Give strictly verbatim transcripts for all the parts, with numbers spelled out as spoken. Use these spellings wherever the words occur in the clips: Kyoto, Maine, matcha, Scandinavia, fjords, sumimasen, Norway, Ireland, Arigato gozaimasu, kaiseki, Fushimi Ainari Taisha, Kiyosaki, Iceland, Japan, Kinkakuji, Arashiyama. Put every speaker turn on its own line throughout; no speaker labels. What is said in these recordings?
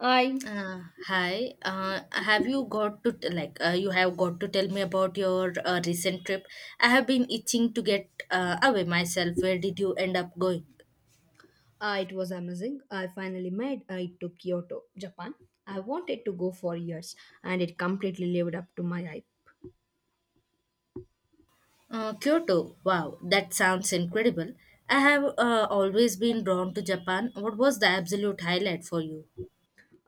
I
Uh, hi. Uh, have you got to t- like uh, you have got to tell me about your uh, recent trip? I have been itching to get uh, away myself. Where did you end up going?
uh, It was amazing. I finally made I to Kyoto, Japan. I wanted to go for years, and it completely lived up to my hype.
Uh, Kyoto. Wow, that sounds incredible. I have uh, always been drawn to Japan. What was the absolute highlight for you?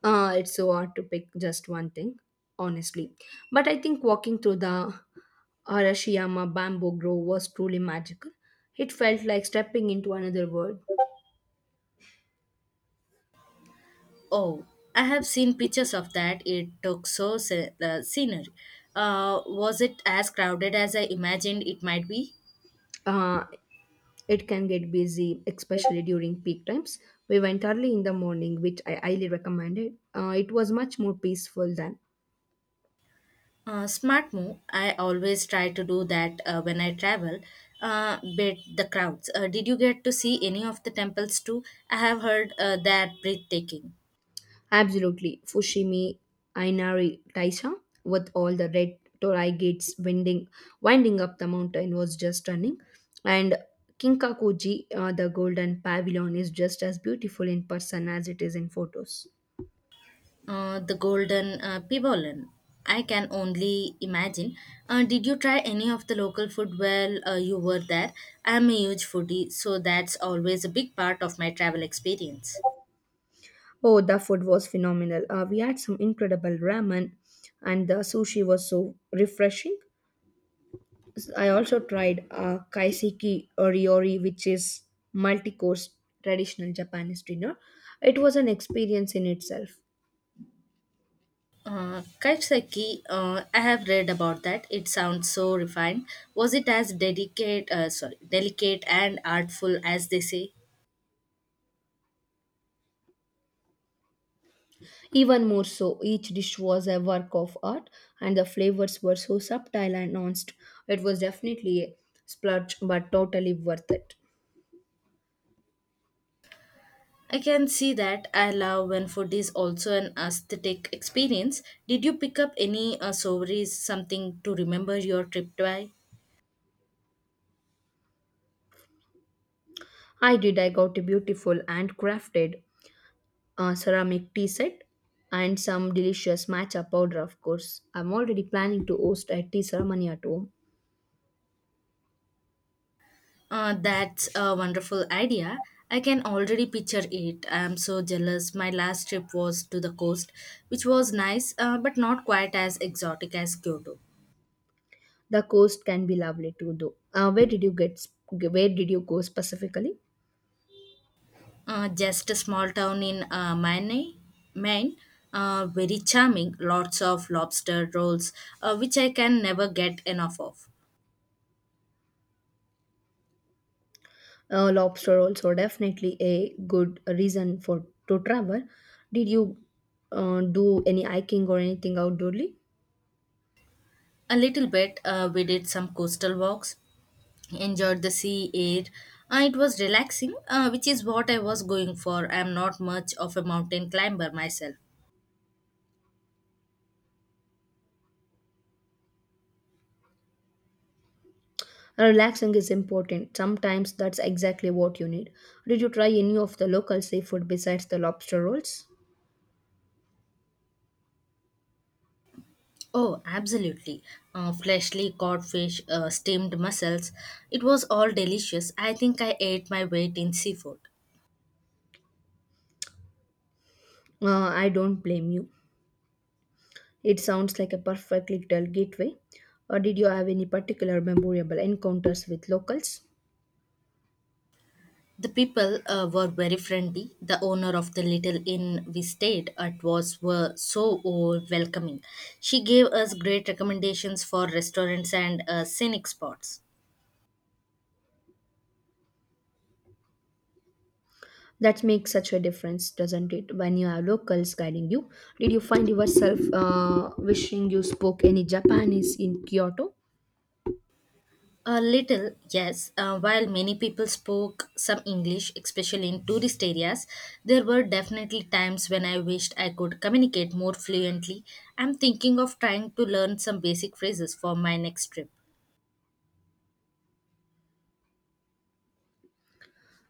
Uh, it's so hard to pick just one thing, honestly. But I think walking through the Arashiyama bamboo grove was truly magical. It felt like stepping into another world.
Oh, I have seen pictures of that. It took so se- uh, scenery. Uh, was it as crowded as I imagined it might be?
Uh, it can get busy, especially during peak times. We went early in the morning, which I highly recommended. Uh, it was much more peaceful than
Uh, smart move. I always try to do that uh, when I travel. Uh, bet the crowds. Uh, did you get to see any of the temples too? I have heard uh, they're breathtaking.
absolutely. Fushimi Ainari Taisha, with all the red torii gates winding, winding up the mountain, was just stunning. And Kinkakuji, uh, the golden pavilion, is just as beautiful in person as it is in photos.
Uh, the golden uh, pivolin. I can only imagine. Uh, did you try any of the local food while uh, you were there? I'm a huge foodie, so that's always a big part of my travel experience.
Oh, the food was phenomenal. Uh, we had some incredible ramen, and the sushi was so refreshing. I also tried uh, kaiseki oriori, which is multi-course traditional Japanese dinner. It was an experience in itself.
Uh, Kiyosaki, uh, I have read about that. It sounds so refined. Was it as delicate, uh, sorry, delicate and artful as they say?
Even more so, each dish was a work of art, and the flavors were so subtle and nuanced. It was definitely a splurge, but totally worth it.
I can see that. I love when food is also an aesthetic experience. Did you pick up any uh, souvenirs, something to remember your trip by?
I did. I got a beautiful handcrafted uh, ceramic tea set and some delicious matcha powder, of course. I'm already planning to host a tea ceremony at home.
Uh, that's a wonderful idea. I can already picture it. I'm so jealous. My last trip was to the coast, which was nice, uh, but not quite as exotic as Kyoto.
The coast can be lovely too, though. Uh, where did you get? Where did you go specifically?
Uh, just a small town in uh, Maine, Maine. Uh, very charming, lots of lobster rolls, uh, which I can never get enough of.
Uh, lobster also definitely a good reason for to travel. Did you uh, do any hiking or anything outdoorly?
A little bit, uh, we did some coastal walks, enjoyed the sea air. Uh, it was relaxing, uh, which is what I was going for. I am not much of a mountain climber myself.
Relaxing is important. Sometimes that's exactly what you need. Did you try any of the local seafood besides the lobster rolls?
Oh, absolutely. Uh, fleshly cod fish, uh, steamed mussels. It was all delicious. I think I ate my weight in seafood.
Uh, I don't blame you. It sounds like a perfect little gateway. Or did you have any particular memorable encounters with locals?
The people uh, were very friendly. The owner of the little inn we stayed at was were so uh, welcoming. She gave us great recommendations for restaurants and uh, scenic spots.
That makes such a difference, doesn't it? When you have locals guiding you, did you find yourself uh, wishing you spoke any Japanese in Kyoto?
A little, yes. Uh, while many people spoke some English, especially in tourist areas, there were definitely times when I wished I could communicate more fluently. I'm thinking of trying to learn some basic phrases for my next trip.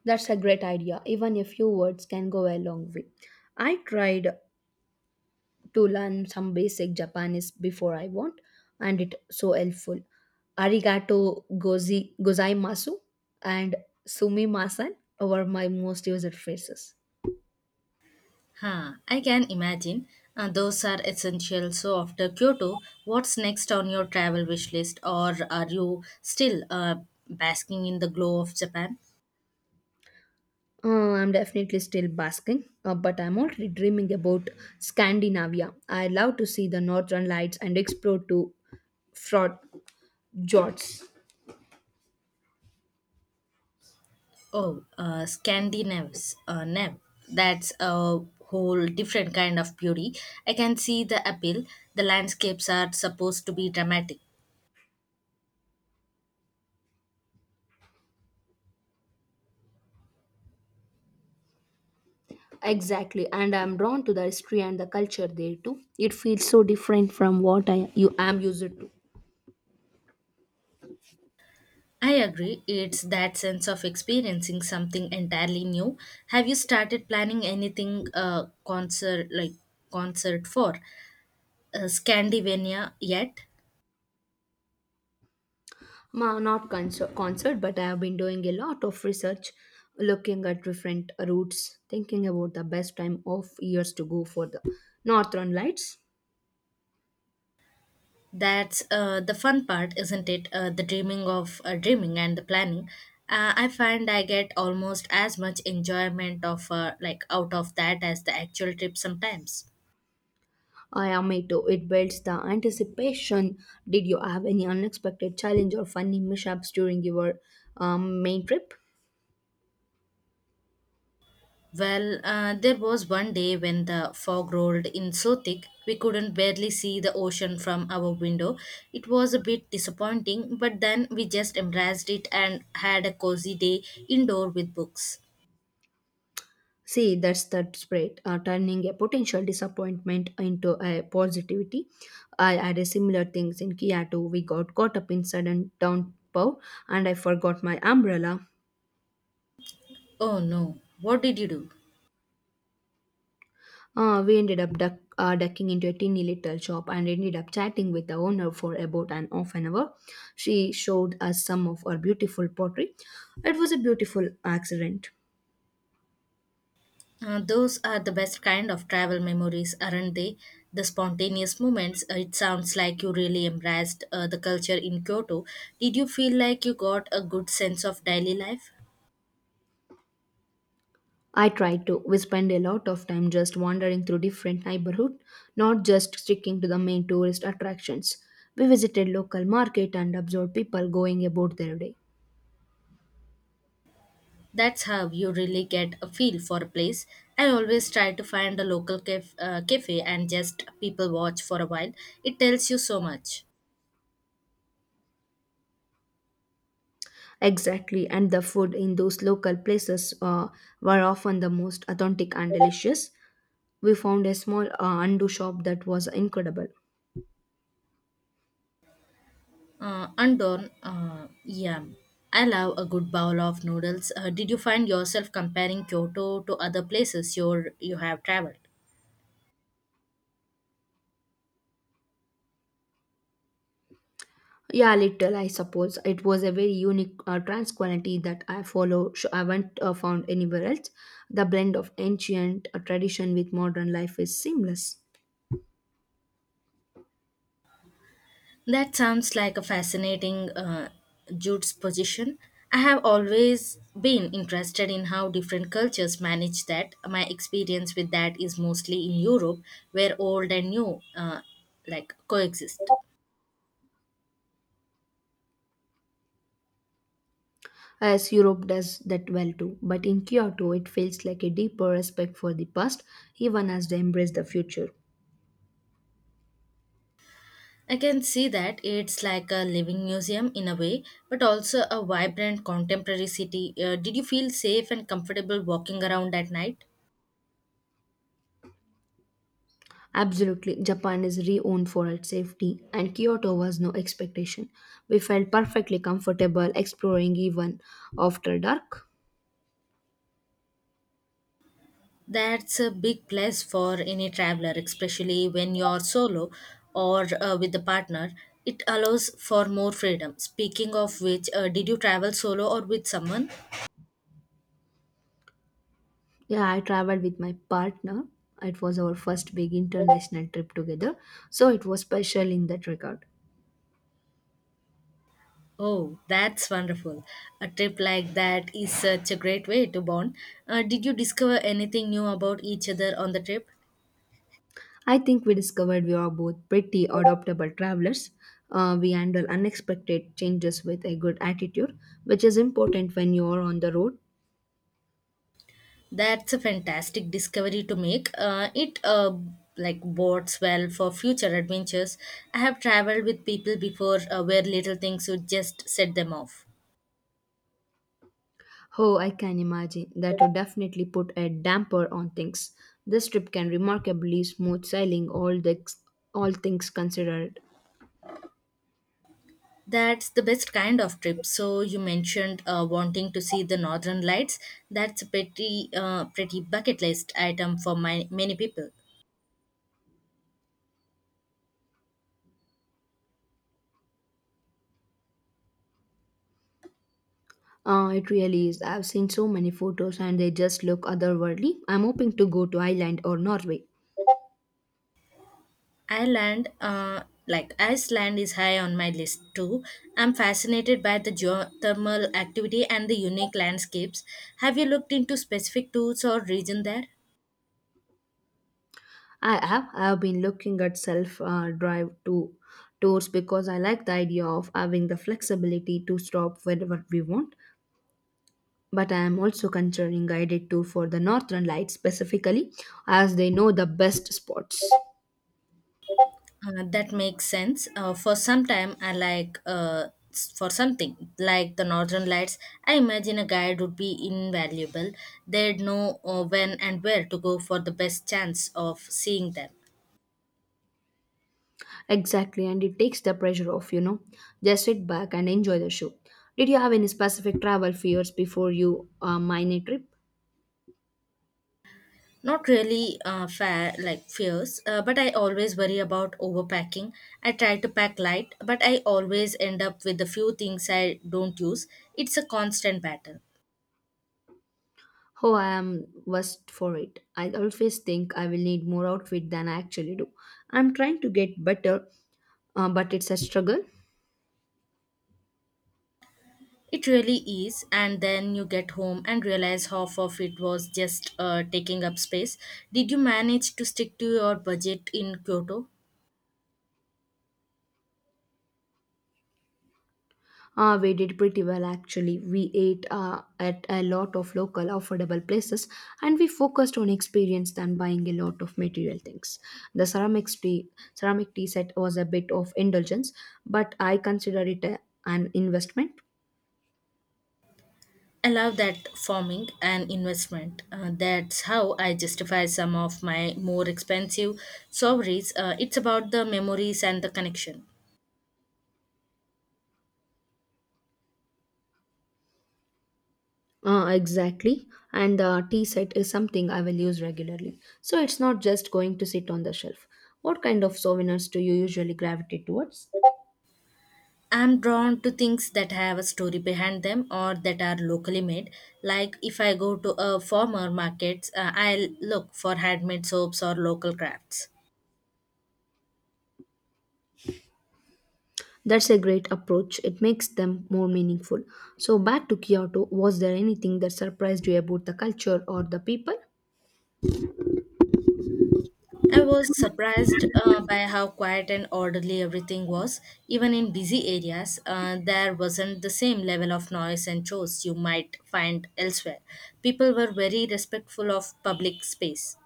That's a great idea. Even a few words can go a long way. I tried to learn some basic Japanese before I went, and it so helpful. Arigato gozi, gozaimasu and sumimasen were my most used phrases.
Huh, I can imagine. Uh, those are essential. So, after Kyoto, what's next on your travel wish list, or are you still uh, basking in the glow of Japan?
Uh, I'm definitely still basking, uh, but I'm already dreaming about Scandinavia. I love to see the northern lights and explore to fjords.
Oh, uh, Scandinavians, uh, Nev. That's a whole different kind of beauty. I can see the appeal. The landscapes are supposed to be dramatic.
Exactly, and I'm drawn to the history and the culture there too. It feels so different from what I you am used to.
I agree. It's that sense of experiencing something entirely new. Have you started planning anything uh, concert like concert for? uh, Scandinavia yet.
Ma, not concert, concert, but I have been doing a lot of research, looking at different routes, thinking about the best time of years to go for the northern lights.
That's uh, the fun part, isn't it? Uh, the dreaming of uh, dreaming and the planning. Uh, I find I get almost as much enjoyment of uh, like out of that as the actual trip sometimes.
I am me too. It builds the anticipation. Did you have any unexpected challenge or funny mishaps during your um, main trip?
Well, uh, there was one day when the fog rolled in so thick we couldn't barely see the ocean from our window. It was a bit disappointing, but then we just embraced it and had a cozy day indoor with books.
See, that's that spread, uh, turning a potential disappointment into a positivity. I had a similar things in Kyoto. We got caught up in sudden downpour, and I forgot my umbrella.
Oh no, what did you do?
Uh, we ended up duck, uh, ducking into a teeny little shop and ended up chatting with the owner for about an half an hour. She showed us some of her beautiful pottery. It was a beautiful accident.
Uh, those are the best kind of travel memories, aren't they? The spontaneous moments. Uh, it sounds like you really embraced uh, the culture in Kyoto. Did you feel like you got a good sense of daily life?
I tried to. We spent a lot of time just wandering through different neighborhood, not just sticking to the main tourist attractions. We visited local market and observed people going about their day.
That's how you really get a feel for a place. I always try to find a local caf- uh, cafe and just people watch for a while. It tells you so much.
Exactly, and the food in those local places uh, were often the most authentic and delicious. We found a small uh, undo shop that was incredible.
Uh, Andon, uh, yeah, I love a good bowl of noodles. Uh, did you find yourself comparing Kyoto to other places you you have traveled?
Yeah, little, I suppose. It was a very unique uh, trans quality that I follow. sh- I haven't uh, found anywhere else. The blend of ancient uh, tradition with modern life is seamless.
That sounds like a fascinating uh, Jude's position. I have always been interested in how different cultures manage that. My experience with that is mostly in Europe, where old and new uh, like coexist.
As Europe does that well too, but in Kyoto it feels like a deeper respect for the past, even as they embrace the future.
I can see that it's like a living museum in a way, but also a vibrant contemporary city. Uh, did you feel safe and comfortable walking around at night?
Absolutely, Japan is renowned for its safety, and Kyoto was no expectation. We felt perfectly comfortable exploring even after dark.
That's a big plus for any traveler, especially when you're solo or uh, with a partner. It allows for more freedom. Speaking of which, uh, did you travel solo or with someone?
Yeah, I traveled with my partner. It was our first big international trip together, so it was special in that regard.
Oh, that's wonderful. A trip like that is such a great way to bond. Uh, did you discover anything new about each other on the trip?
I think we discovered we are both pretty adaptable travelers. Uh, we handle unexpected changes with a good attitude, which is important when you are on the road.
That's a fantastic discovery to make. Uh, it uh, like bodes well for future adventures. I have traveled with people before uh, where little things would just set them off.
Oh, I can imagine. That would definitely put a damper on things. This trip can remarkably smooth sailing all the all things considered.
That's the best kind of trip. So you mentioned uh, wanting to see the northern lights. That's a pretty uh, pretty bucket list item for my, many people.
Uh, it really is. I've seen so many photos and they just look otherworldly. I'm hoping to go to Ireland or Norway.
Ireland, uh, like Iceland, is high on my list too. I'm fascinated by the geothermal activity and the unique landscapes. Have you looked into specific tools or region there?
I have I've been looking at self uh, drive to tours because I like the idea of having the flexibility to stop wherever we want. But I am also considering guided tour for the Northern Lights specifically, as they know the best spots.
Uh, that makes sense. Uh, for some time, I like uh, s- for something like the Northern Lights. I imagine a guide would be invaluable. They'd know uh, when and where to go for the best chance of seeing them.
Exactly, and it takes the pressure off, you know. Just sit back and enjoy the show. Did you have any specific travel fears before you uh, mine a trip?
Not really uh, fair, like fierce, uh, but I always worry about overpacking. I try to pack light, but I always end up with a few things I don't use. It's a constant battle.
Oh, I am worst for it. I always think I will need more outfit than I actually do. I'm trying to get better, uh, but it's a struggle.
It really is, and then you get home and realize half of it was just uh, taking up space. Did you manage to stick to your budget in Kyoto?
Uh, we did pretty well actually. We ate uh, at a lot of local affordable places, and we focused on experience than buying a lot of material things. The ceramics tea, ceramic tea set was a bit of indulgence, but I consider it a, an investment.
I love that forming an investment. Uh, that's how I justify some of my more expensive sovereigns. Uh, it's about the memories and the connection.
Uh, exactly. And the tea set is something I will use regularly. So it's not just going to sit on the shelf. What kind of souvenirs do you usually gravitate towards?
I'm drawn to things that have a story behind them or that are locally made. Like if I go to a farmer market, uh, I'll look for handmade soaps or local crafts.
That's a great approach. It makes them more meaningful. So, back to Kyoto, was there anything that surprised you about the culture or the people?
I was surprised uh, by how quiet and orderly everything was. Even in busy areas, uh, there wasn't the same level of noise and chores you might find elsewhere. People were very respectful of public space.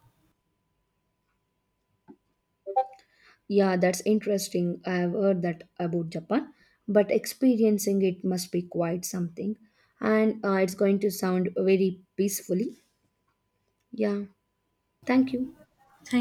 Yeah, that's interesting. I have heard that about Japan, but experiencing it must be quite something. And uh, it's going to sound very peacefully. Yeah, thank you.
Thank